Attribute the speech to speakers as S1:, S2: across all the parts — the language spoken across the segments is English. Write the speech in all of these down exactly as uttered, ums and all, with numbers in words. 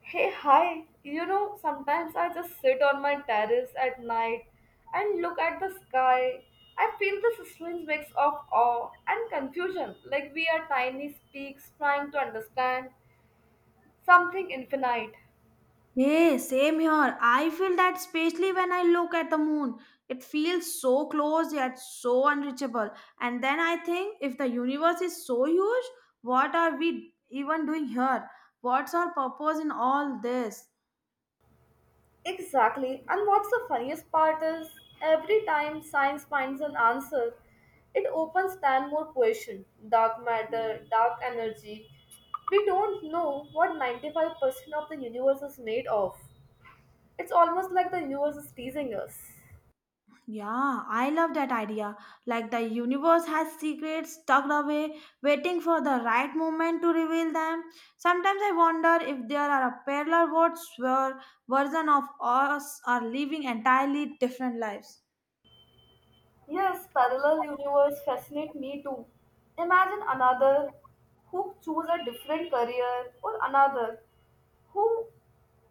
S1: Hey, hi. You know, sometimes I just sit on my terrace at night and look at the sky. I feel this strange mix of awe and confusion, like we are tiny specks trying to understand something infinite.
S2: Hey, same here. I feel that especially when I look at the moon. It feels so close yet so unreachable. And then I think if the universe is so huge, what are we even doing here? What's our purpose in all this?
S1: Exactly. And what's the funniest part is, every time science finds an answer, it opens ten more questions. Dark matter, dark energy. We don't know what ninety-five percent of the universe is made of. It's almost like the universe is teasing us.
S2: Yeah, I love that idea. Like the universe has secrets tucked away, waiting for the right moment to reveal them. Sometimes I wonder if there are a parallel worlds where version of us are living entirely different lives.
S1: Yes, parallel universe fascinate me too. Imagine another who choose a different career or another who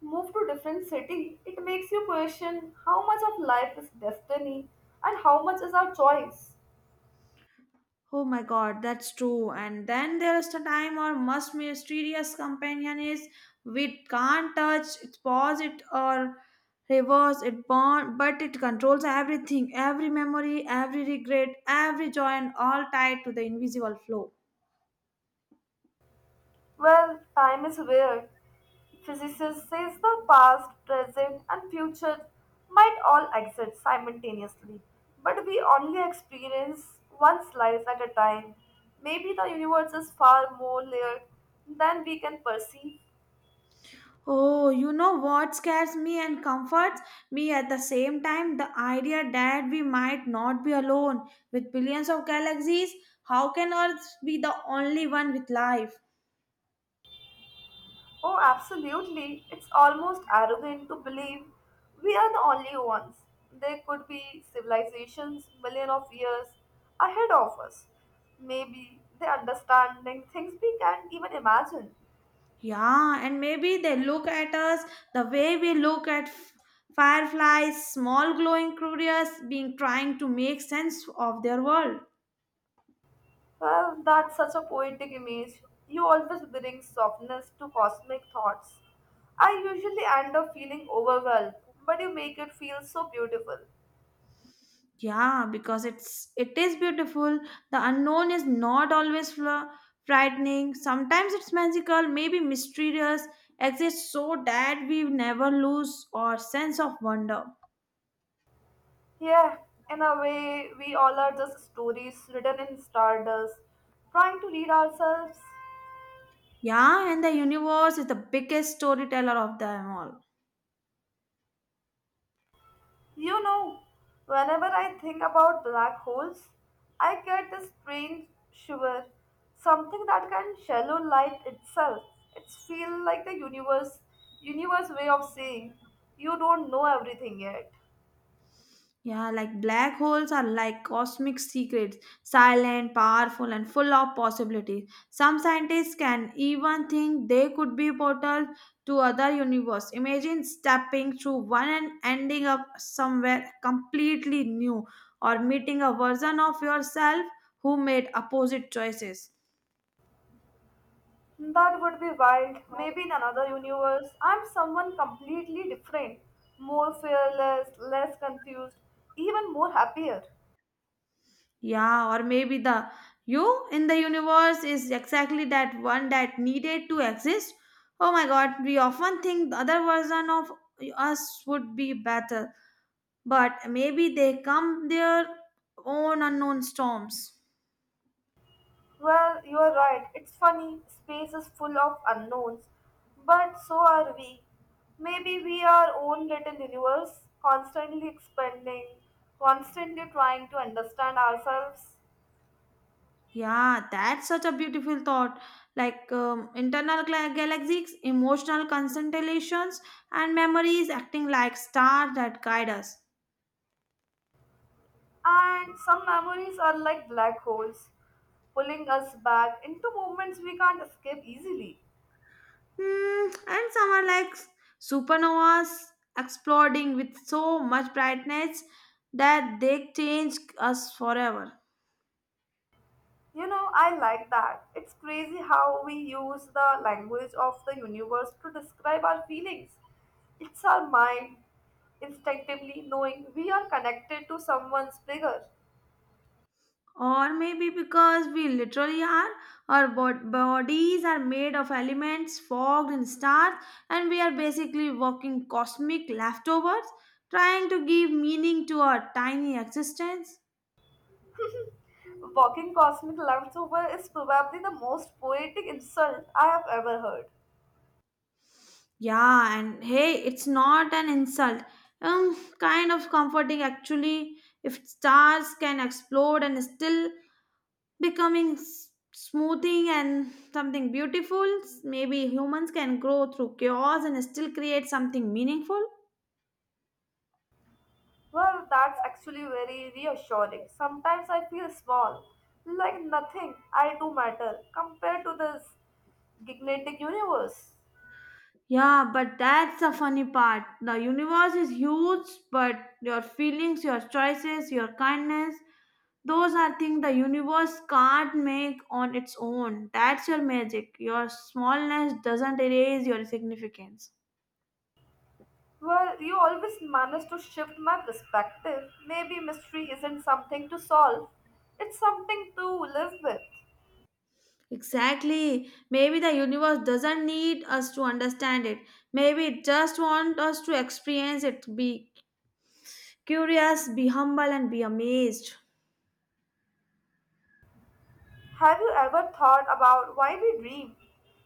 S1: move to different city. It makes you question how much of life is destiny and how much is our choice.
S2: Oh my god, that's true. And then there's the time our most mysterious companion is we can't touch it, pause it, or reverse it, bond, but it controls everything every memory, every regret, every joy, and all tied to the invisible flow.
S1: Well, time is weird. Physicists says the past, present, and future might all exist simultaneously, but we only experience one slice at a time. Maybe the universe is far more layered than we can perceive.
S2: Oh, you know what scares me and comforts me at the same time? The idea that we might not be alone with billions of galaxies. How can Earth be the only one with life?
S1: Oh, absolutely. It's almost arrogant to believe we are the only ones. There could be civilizations million of years ahead of us. Maybe they understanding things we can't even imagine.
S2: Yeah, and maybe they look at us the way we look at f- fireflies, small glowing creatures being trying to make sense of their world.
S1: Well, that's such a poetic image. You always bring softness to cosmic thoughts. I usually end up feeling overwhelmed, but you make it feel so beautiful.
S2: Yeah, because it's it is beautiful. The unknown is not always fla- frightening. Sometimes it's magical, maybe mysterious, exists so that we never lose our sense of wonder.
S1: Yeah, in a way, we all are just stories written in stardust, trying to read ourselves.
S2: Yeah, and the universe is the biggest storyteller of them all.
S1: You know, Whenever I think about black holes, I get this strange shiver, something that can shallow light itself. It's feel like the universe, universe way of saying you don't know everything yet.
S2: Yeah, like black holes are like cosmic secrets, silent, powerful, and full of possibilities. Some scientists can even think they could be portals to other universe. Imagine stepping through one and ending up somewhere completely new, or meeting a version of yourself who made opposite choices.
S1: That would be wild. Maybe in another universe, I'm someone completely different, more fearless, less confused, even more happier.
S2: Yeah, or maybe the you in the universe is exactly that one that needed to exist. Oh my god, we often think the other version of us would be better, but maybe they come their own unknown storms.
S1: Well, you are right. It's funny. Space is full of unknowns, but so are we. Maybe we are our own little universe, constantly expanding, constantly trying to understand ourselves.
S2: Yeah, that's such a beautiful thought. Like um, internal gla- galaxies, emotional constellations, and memories acting like stars that guide us.
S1: And some memories are like black holes, pulling us back into moments we can't escape easily.
S2: Hmm, and some are like supernovas exploding with so much brightness that they change us forever.
S1: You know, I like that. It's crazy how we use the language of the universe to describe our feelings. It's our mind instinctively knowing we are connected to someone's bigger.
S2: Or maybe because we literally are, our bod- bodies are made of elements fogged in stars, and we are basically walking cosmic leftovers trying to give meaning to our tiny existence.
S1: Walking cosmic leftover is probably the most poetic insult I have ever heard.
S2: Yeah, and hey, it's not an insult. Um, kind of comforting actually. If stars can explode and still becoming s- smoothing and something beautiful, maybe humans can grow through chaos and still create something meaningful.
S1: Well, that's actually very reassuring. Sometimes I feel small, like nothing I do matter compared to this gigantic universe.
S2: Yeah, but that's the funny part. The universe is huge, but your feelings, your choices, your kindness, those are things the universe can't make on its own. That's your magic. Your smallness doesn't erase your significance.
S1: Well, you always manage to shift my perspective. Maybe mystery isn't something to solve, it's something to live with.
S2: Exactly. Maybe the universe doesn't need us to understand it. Maybe it just wants us to experience it, be curious, be humble, and be amazed.
S1: Have you ever thought about why we dream?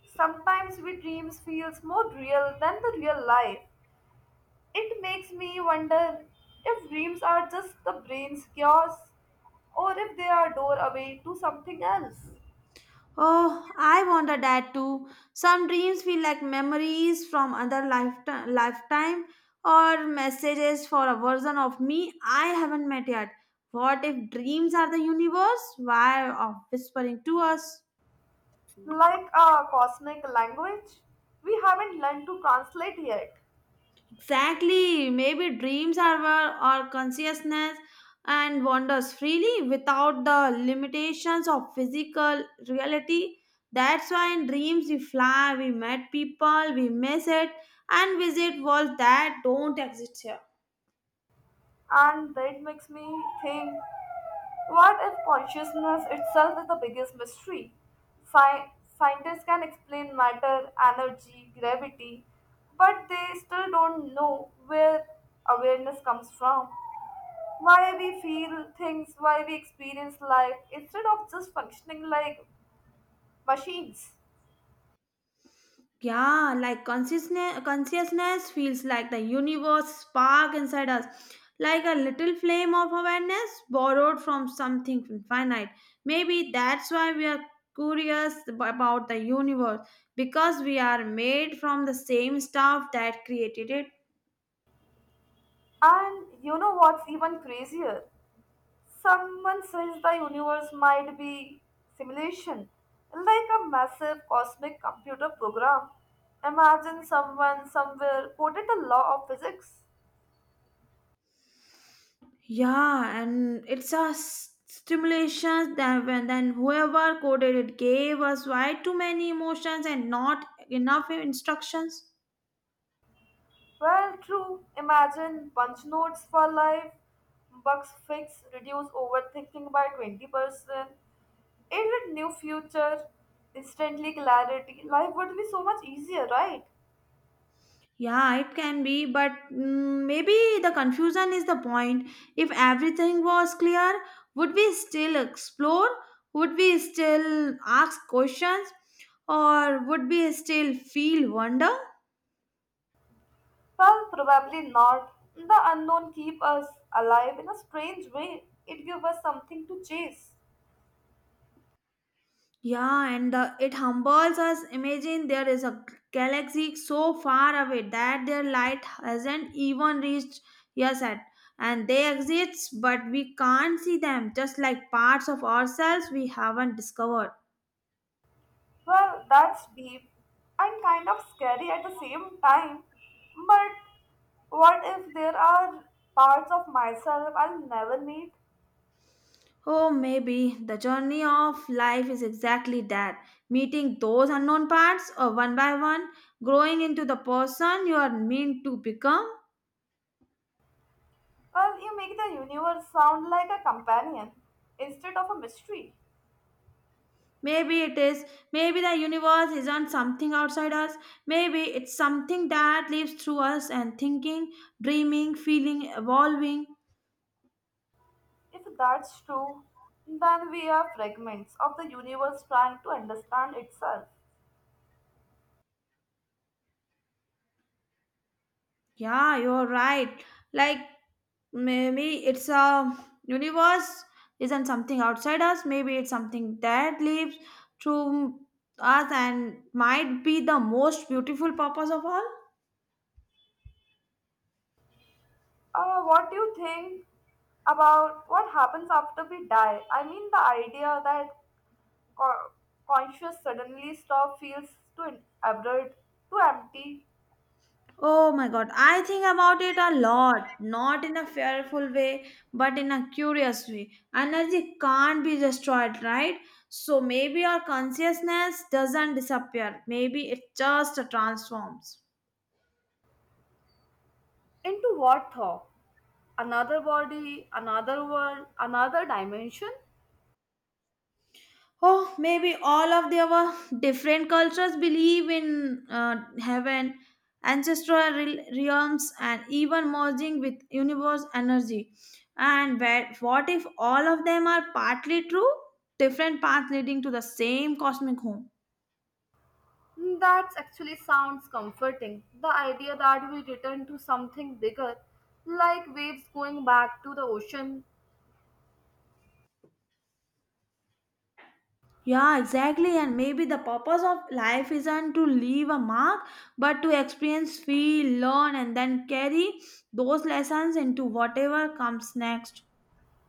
S1: Sometimes we dreams feels more real than the real life. It makes me wonder if dreams are just the brain's chaos or if they are doorway to something else.
S2: Oh, I wonder that too. Some dreams feel like memories from other lifetime, lifetime or messages for a version of me I haven't met yet. What if dreams are the universe? Why of whispering to us?
S1: Like a cosmic language we haven't learned to translate yet.
S2: Exactly. Maybe dreams are where our consciousness and wanders freely without the limitations of physical reality. That's why in dreams we fly, we met people, we miss it, and visit worlds that don't exist here.
S1: And that makes me think. What if consciousness itself is the biggest mystery? Sci- scientists can explain matter, energy, gravity, but they still don't know where awareness comes from. Why we feel things, why we experience life, instead of just functioning like machines.
S2: Yeah, like consciousness, consciousness feels like the universe spark inside us, like a little flame of awareness borrowed from something infinite. Maybe that's why we are curious ab- about the universe because we are made from the same stuff that created it.
S1: And you know what's even crazier? Someone says the universe might be simulation, like a massive cosmic computer program. Imagine someone somewhere quoted the law of physics.
S2: Yeah, and it's a s- stimulation that when then whoever coded it gave us way too many emotions and not enough instructions.
S1: Well, true. Imagine punch notes for life, bugs fix, reduce overthinking by twenty percent, aided new future, instantly clarity. Life would be so much easier, right?
S2: Yeah, it can be, but mm, maybe the confusion is the point. If everything was clear, would we still explore? Would we still ask questions? Or would we still feel wonder?
S1: Well, probably not. The unknown keep us alive in a strange way. It gives us something to chase.
S2: Yeah, and the, it humbles us. Imagine there is a galaxy so far away that their light hasn't even reached us yet. And they exist, but we can't see them, just like parts of ourselves we haven't discovered.
S1: Well, that's deep and kind of scary at the same time. But what if there are parts of myself I'll never meet?
S2: Oh, maybe the journey of life is exactly that meeting those unknown parts or one by one, growing into the person you are meant to become.
S1: Well, you make the universe sound like a companion instead of a mystery.
S2: Maybe it is, maybe the universe isn't something outside us, maybe it's something that lives through us and thinking, dreaming, feeling, evolving.
S1: If that's true, then we are fragments of the universe trying to understand itself.
S2: Yeah, you're right. Like maybe it's a universe isn't something outside us. Maybe it's something that lives through us and might be the most beautiful purpose of all.
S1: Uh, what do you think about what happens after we die? I mean, the idea that co- conscious suddenly stop feels too absurd, too empty.
S2: Oh my god, I think about it a lot, not in a fearful way, but in a curious way. Energy can't be destroyed, right? So maybe our consciousness doesn't disappear. Maybe it just transforms.
S1: Into what thought? Another body, another world, another dimension?
S2: Oh, maybe all of the our different cultures believe in uh, heaven, ancestral re- realms, and even merging with universe energy. And where, what if all of them are partly true? Different paths leading to the same cosmic home.
S1: Hmm, that actually sounds comforting. The idea that we return to something bigger, like waves going back to the ocean.
S2: Yeah, exactly. And maybe the purpose of life isn't to leave a mark, but to experience, feel, learn, and then carry those lessons into whatever comes next.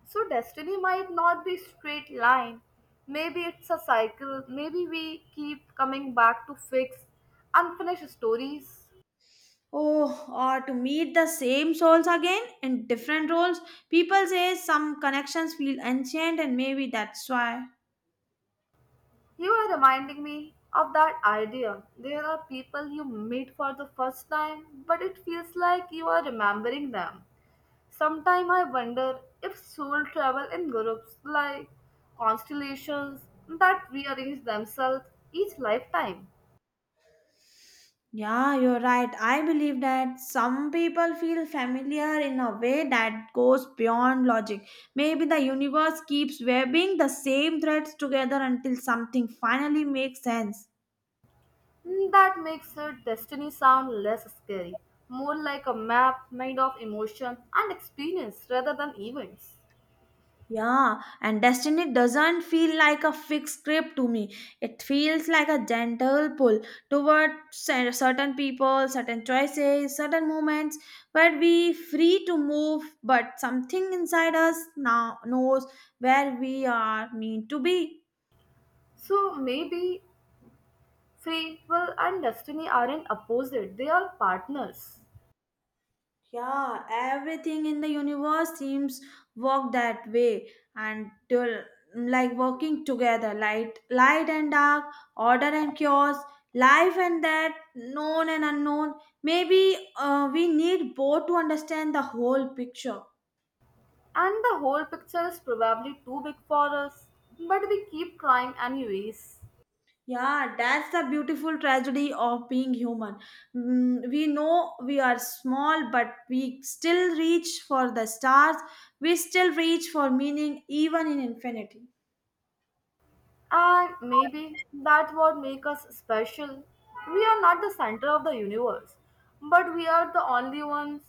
S1: So destiny might not be straight line. Maybe it's a cycle. Maybe we keep coming back to fix unfinished stories.
S2: Oh, or to meet the same souls again in different roles. People say some connections feel ancient, and maybe that's why.
S1: You are reminding me of that idea. There are people you meet for the first time, but it feels like you are remembering them. Sometimes I wonder if soul travel in groups like constellations that rearrange themselves each lifetime.
S2: Yeah, you're right. I believe that some people feel familiar in a way that goes beyond logic. Maybe the universe keeps weaving the same threads together until something finally makes sense.
S1: Mm, that makes her destiny sound less scary, more like a map made of emotion and experience rather than events.
S2: Yeah, and destiny doesn't feel like a fixed script to me. It feels like a gentle pull toward cer- certain people, certain choices, certain moments where we free to move, but something inside us now knows where we are meant to be.
S1: So maybe free will and destiny aren't opposite, they are partners.
S2: Yeah, everything in the universe seems work that way and to- like working together, light light and dark, order and chaos, life and that, known and unknown. Maybe uh, we need both to understand the whole picture.
S1: And the whole picture is probably too big for us, but we keep trying anyways.
S2: Yeah, that's the beautiful tragedy of being human. Mm, we know we are small, but we still reach for the stars. We still reach for meaning even in infinity.
S1: And maybe that what makes us special. We are not the center of the universe, but we are the only ones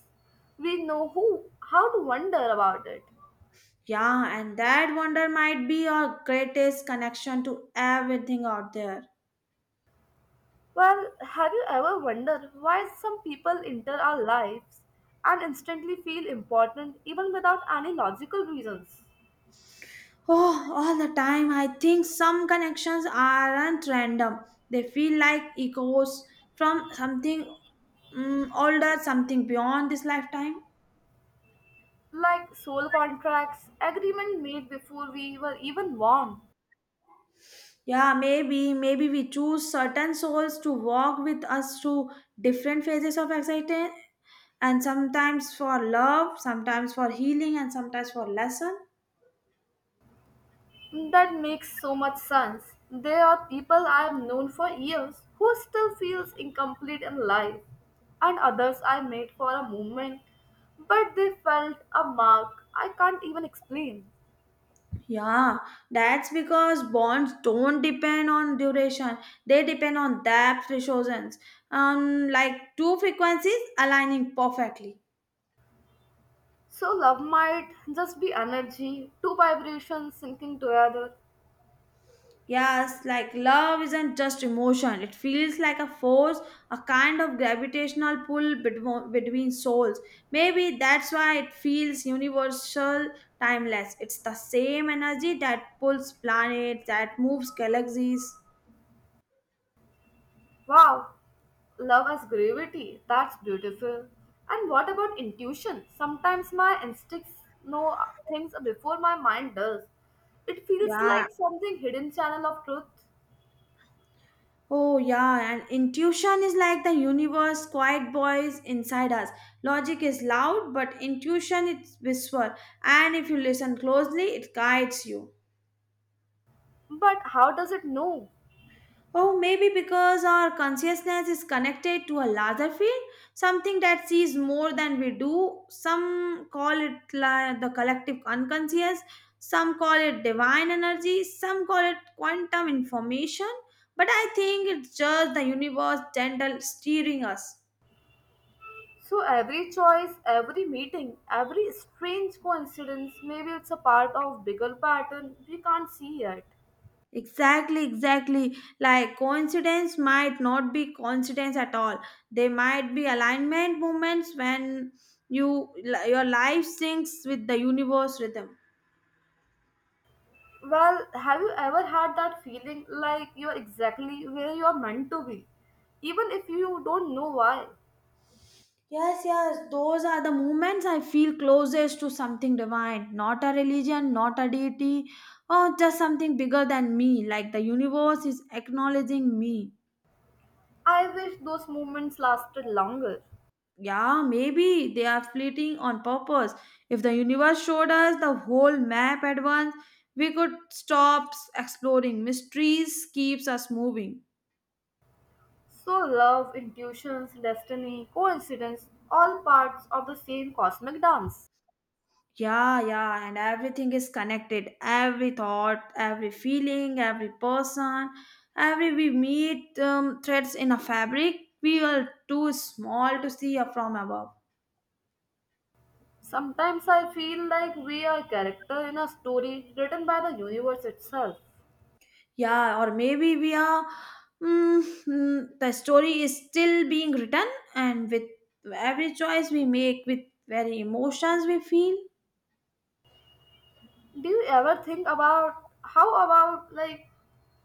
S1: we know who how to wonder about it.
S2: Yeah, and that wonder might be our greatest connection to everything out there.
S1: Well, have you ever wondered why some people enter our lives and instantly feel important even without any logical reasons?
S2: Oh, all the time, I think some connections aren't random. They feel like echoes from something mm, older, something beyond this lifetime.
S1: Like soul contracts, agreement made before we were even born.
S2: Yeah, maybe, maybe we choose certain souls to walk with us through different phases of excitement, and sometimes for love, sometimes for healing, and sometimes for lesson.
S1: That makes so much sense. There are people I have known for years who still feels incomplete in life, and others I met for a moment, but they felt a mark I can't even explain.
S2: Yeah, that's because bonds don't depend on duration. They depend on depth resonance. Um, like two frequencies aligning perfectly.
S1: So love might just be energy, two vibrations syncing together.
S2: Yes, like love isn't just emotion. It feels like a force, a kind of gravitational pull between, between souls. Maybe that's why it feels universal, timeless. It's the same energy that pulls planets, that moves galaxies.
S1: Wow, love has gravity. That's beautiful. And what about intuition? Sometimes my instincts know things before my mind does. It feels
S2: Yeah,
S1: like something hidden channel of truth.
S2: Oh, yeah, and intuition is like the universe, quiet voice inside us. Logic is loud, but intuition it's whisper, and if you listen closely, it guides you.
S1: But how does it know?
S2: Oh, maybe because our consciousness is connected to a larger field, something that sees more than we do. Some call it la- the collective unconscious, some call it divine energy, some call it quantum information, but I think it's just the universe gentle steering us.
S1: So every choice, every meeting, every strange coincidence, maybe it's a part of bigger pattern we can't see yet.
S2: Exactly, exactly. Like coincidence might not be coincidence at all. They might be alignment moments when you your life syncs with the universe rhythm.
S1: Well, have you ever had that feeling like you're exactly where you're meant to be, even if you don't know why?
S2: Yes, yes, those are the moments I feel closest to something divine, not a religion, not a deity, or just something bigger than me, like the universe is acknowledging me.
S1: I wish those moments lasted longer.
S2: Yeah, maybe they are fleeting on purpose. If the universe showed us the whole map at once, we could stop s- exploring. Mysteries keeps us moving.
S1: So, love, intuitions, destiny, coincidence, all parts of the same cosmic dance.
S2: Yeah, yeah, and everything is connected. Every thought, every feeling, every person, every we meet um, threads in a fabric. We are too small to see from above.
S1: Sometimes I feel like we are a character in a story written by the universe itself.
S2: Yeah, or maybe we are. Mm, mm, the story is still being written, and with every choice we make, with very emotions we feel.
S1: Do you ever think about how about like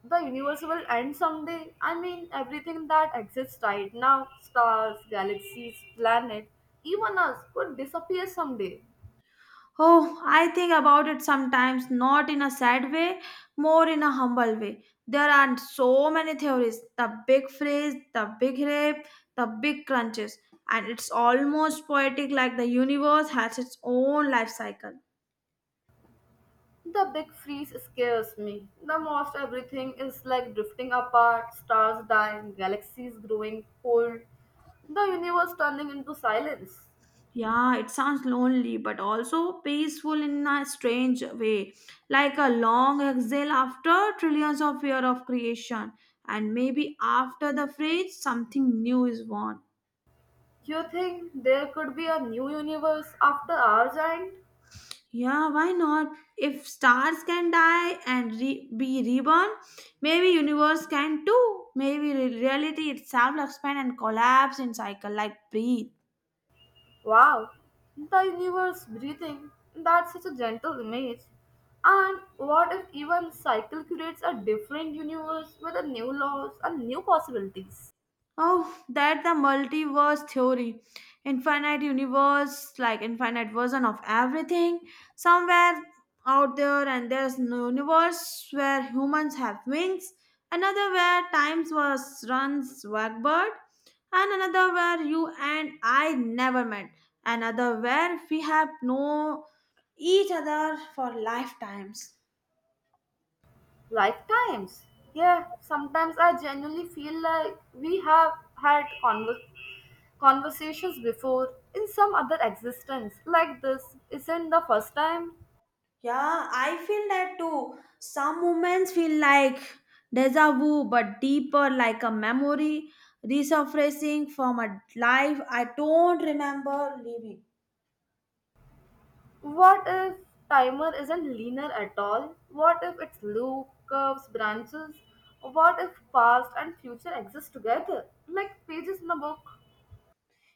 S1: the universe will end someday? I mean, everything that exists right now, stars, galaxies, planets, even us could disappear someday.
S2: Oh, I think about it sometimes, not in a sad way, more in a humble way. There are so many theories the big freeze, the big rip, the big crunches, and it's almost poetic like the universe has its own life cycle.
S1: The big freeze scares me the most. Everything is like drifting apart, stars dying, galaxies growing cold, the universe turning into silence.
S2: Yeah, it sounds lonely but also peaceful in a strange way, like a long exhale after trillions of years of creation, and maybe after the phrase, something new is born.
S1: You think there could be a new universe after ours end?
S2: Yeah, why not? If stars can die and re- be reborn, maybe universe can too. Maybe re- reality itself expand and collapse in cycle like breathe.
S1: Wow, the universe breathing. That's such a gentle image. And what if even cycle creates a different universe with a new laws and new possibilities?
S2: Oh, that the multiverse theory. Infinite universe, like infinite version of everything. Somewhere out there and there's no universe where humans have wings, another where times was runs backward, and another where you and I never met. Another where we have known each other for lifetimes.
S1: Lifetimes. Yeah, sometimes I genuinely feel like we have had conver- conversations before in some other existence like this. Isn't the first time?
S2: Yeah, I feel that too. Some moments feel like deja vu, but deeper, like a memory resurfacing from a life I don't remember living.
S1: What if timer isn't linear at all? What if it's loop, curves, branches? What if past and future exist together? Like pages in a book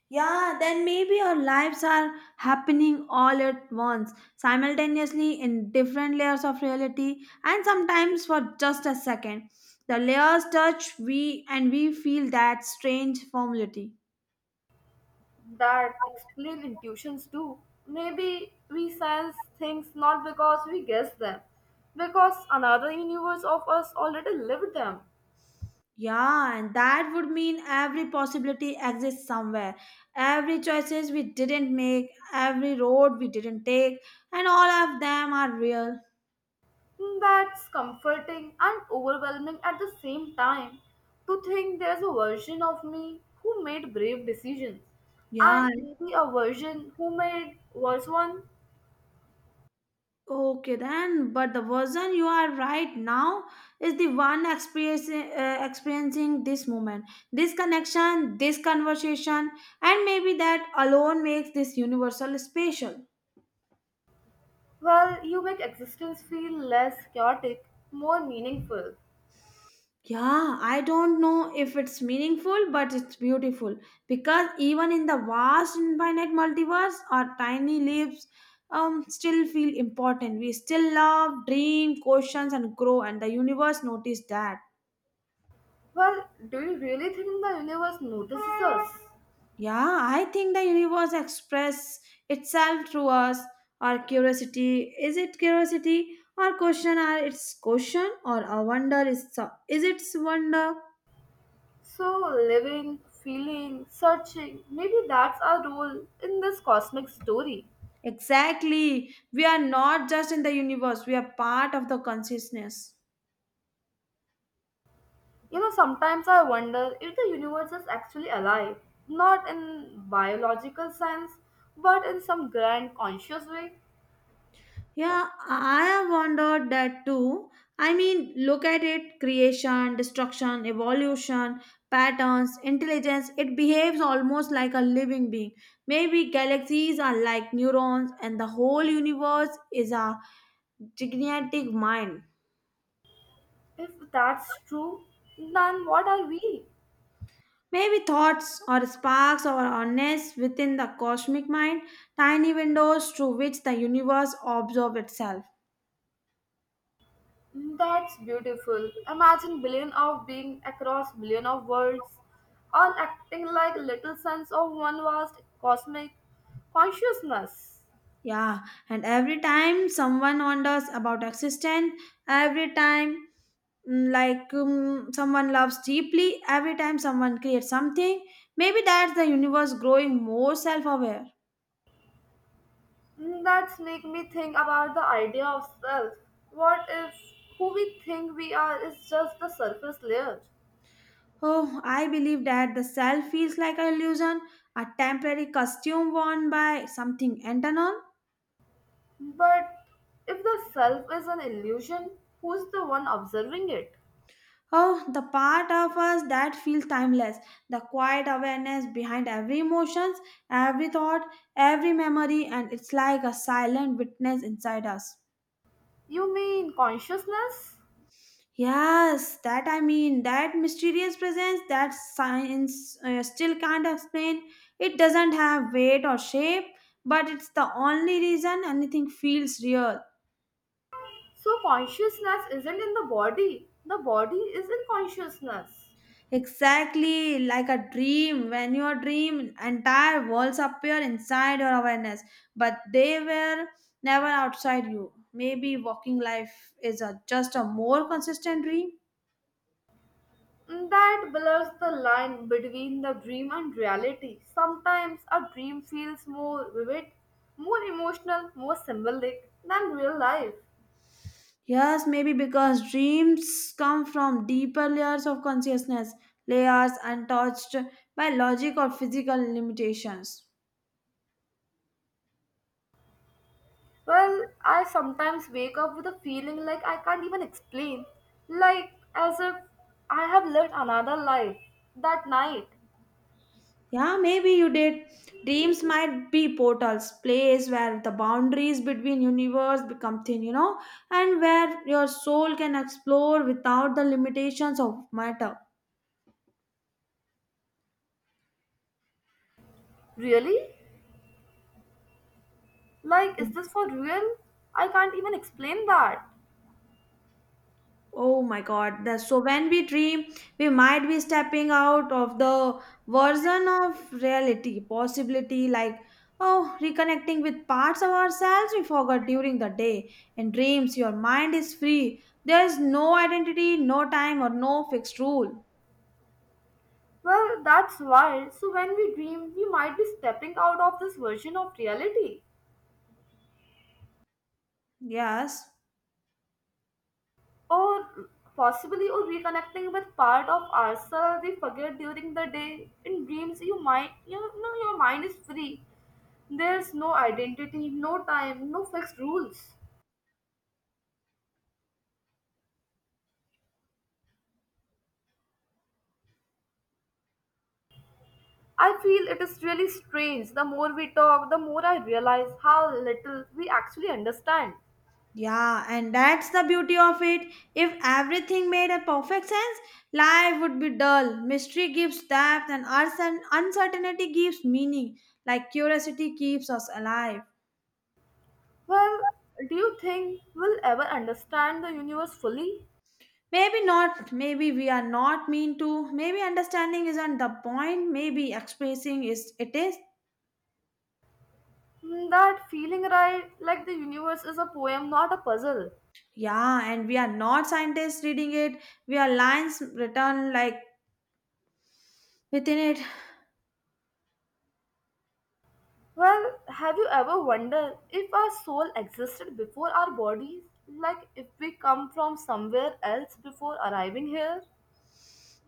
S2: Yeah, then maybe our lives are happening all at once, simultaneously in different layers of reality, and sometimes for just a second. The layers touch we and we feel that strange formality.
S1: that explain intuitions too. Maybe we sense things not because we guess them, because another universe of us already lived them.
S2: Yeah, and that would mean every possibility exists somewhere. Every choices we didn't make, every road we didn't take, and all of them are real.
S1: That's comforting and overwhelming at the same time to think there's a version of me who made brave decisions and
S2: Yeah,
S1: maybe a version who made worse one.
S2: okay then. But the version you are right now is the one experiencing, uh, experiencing this moment, this connection, this conversation, and maybe that alone makes this universal special.
S1: Well, you make existence feel less chaotic, more meaningful.
S2: Yeah, I don't know if it's meaningful, but it's beautiful because even in the vast, infinite multiverse, our tiny lives um, still feel important. We still love, dream, questions, and grow, and the universe noticed that.
S1: Well, do you really think the universe notices us?
S2: Yeah, I think the universe express itself through us, our curiosity. Is it curiosity or question? Are it's question or a wonder? Is is its wonder?
S1: So, living, feeling, searching, maybe that's our role in this cosmic story.
S2: Exactly. We are not just in the universe, we are part of the consciousness.
S1: You know, sometimes I wonder if the universe is actually alive, not in biological sense, but in some grand conscious way.
S2: Yeah, I have wondered that too. I mean, look at it creation, destruction, evolution, patterns, intelligence. It behaves almost like a living being. Maybe galaxies are like neurons, and the whole universe is a gigantic mind.
S1: If that's true, then what are we?
S2: Maybe thoughts or sparks or nests within the cosmic mind, tiny windows through which the universe observes itself.
S1: That's beautiful. Imagine billion of beings across billion of worlds, all acting like little suns of one vast cosmic consciousness.
S2: Yeah, and every time someone wonders about existence, every time mm, like um, someone loves deeply, every time someone creates something, maybe that's the universe growing more self aware.
S1: That's make me think about the idea of self. What if who we think we are is just the surface layer?
S2: Oh, I believe that the self feels like an illusion, a temporary costume worn by something internal.
S1: But if the self is an illusion, who's the one observing it?
S2: Oh, the part of us that feels timeless, the quiet awareness behind every emotions, every thought, every memory, and it's like a silent witness inside us.
S1: You mean consciousness?
S2: Yes, that I mean, that mysterious presence that science uh, still can't explain. It doesn't have weight or shape, but it's the only reason anything feels real.
S1: So, consciousness isn't in the body, the body is in consciousness.
S2: Exactly like a dream. When you dream, entire worlds appear inside your awareness, but they were never outside you. Maybe walking life is a, just a more consistent dream.
S1: That blurs the line between the dream and reality. Sometimes a dream feels more vivid, more emotional, more symbolic than real life.
S2: Yes, maybe because dreams come from deeper layers of consciousness, layers untouched by logic or physical limitations.
S1: Well, I sometimes wake up with a feeling like I can't even explain, like as if I have lived another life that night.
S2: Yeah, maybe you did. Dreams might be portals, place where the boundaries between universe become thin, you know, and where your soul can explore without the limitations of matter.
S1: Really? Like, is this for real? I can't even explain that.
S2: Oh my god. The, so when we dream, we might be stepping out of the version of reality, possibility like oh, reconnecting with parts of ourselves we forgot during the day. In dreams, your mind is free. There is no identity, no time or no fixed rule.
S1: Well, that's wild. So, when we dream, we might be stepping out of this version of reality,
S2: Yes.
S1: or possibly or reconnecting with part of ourselves we forget during the day. In dreams, you might you know your mind is free. There's no identity, no time, no fixed rules. I feel it is really strange. The more we talk, the more I realize how little we actually understand.
S2: Yeah, and that's the beauty of it. If everything made a perfect sense, life would be dull. Mystery gives depth, and uncer- uncertainty gives meaning. Like curiosity keeps us alive.
S1: Well, do you think we'll ever understand the universe fully?
S2: Maybe not. Maybe we are not mean to. Maybe understanding isn't the point. Maybe expressing is it is.
S1: Hmm, that feeling, right? Like the universe is a poem, not a puzzle.
S2: Yeah, and we are not scientists reading it. We are lines written like within it.
S1: Well, have you ever wondered if our soul existed before our bodies? Like if we come from somewhere else before arriving here?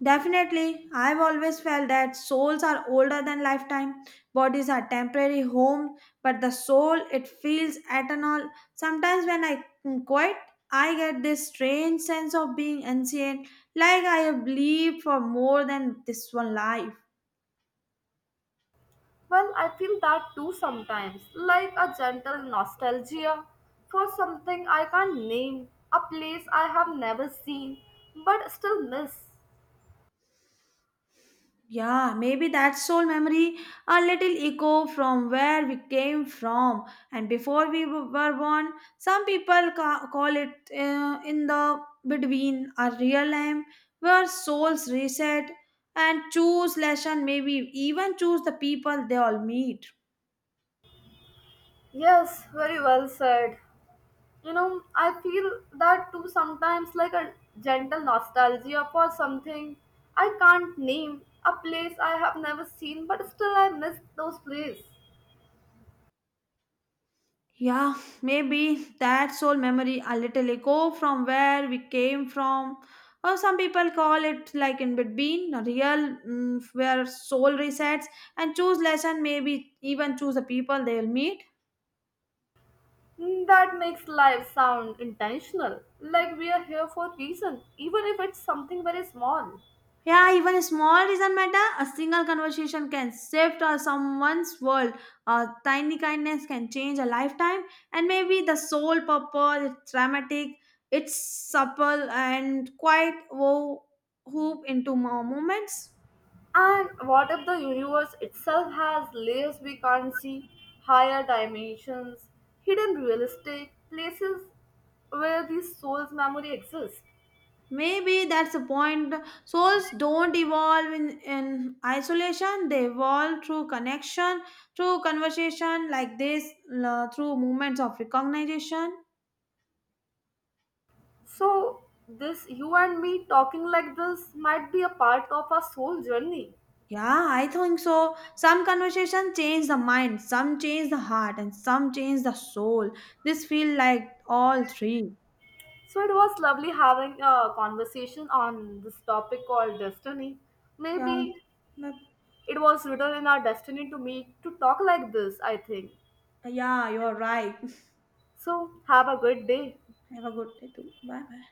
S2: Definitely, I've always felt that souls are older than lifetime. Bodies are temporary homes, but the soul it feels eternal. Sometimes when I quit, I get this strange sense of being ancient, like I have lived for more than this one life.
S1: Well, I feel that too sometimes, like a gentle nostalgia for something I can't name, a place I have never seen but still miss.
S2: Yeah, maybe that soul memory, a little echo from where we came from and before we w- were born. Some people ca- call it uh, in the between a real time where souls reset and choose lesson, maybe even choose the people they all meet.
S1: Yes, very well said. You know, I feel that too sometimes, like a gentle nostalgia for something I can't name, a place I have never seen but still I miss those places.
S2: Yeah, maybe that soul memory a little echo from where we came from. Or some people call it like in between, a real mm, where soul resets and choose lesson, maybe even choose the people they'll meet.
S1: Mm, that makes life sound intentional, like we are here for a reason, even if it's something very small.
S2: Yeah, even a small doesn't matter. A single conversation can shift uh, someone's world. A tiny kindness can change a lifetime. And maybe the sole purpose it's dramatic, it's supple and quite wo- hoop into more moments.
S1: And what if the universe itself has layers we can't see, higher dimensions, hidden realistic places where the soul's memory exists?
S2: Maybe that's the point. Souls don't evolve in, in isolation, they evolve through connection, through conversation like this, uh, through moments of recognition.
S1: So, this you and me talking like this might be a part of our soul journey.
S2: Yeah, I think so. Some conversation change the mind, some change the heart, and some change the soul. This feel like all three.
S1: So, it was lovely having a conversation on this topic called destiny.
S2: Yeah,
S1: Maybe
S2: but-
S1: it was written in our destiny to meet to talk like this, I think.
S2: yeah, you're right.
S1: So, have a good day.
S2: Have a good day too. Bye bye.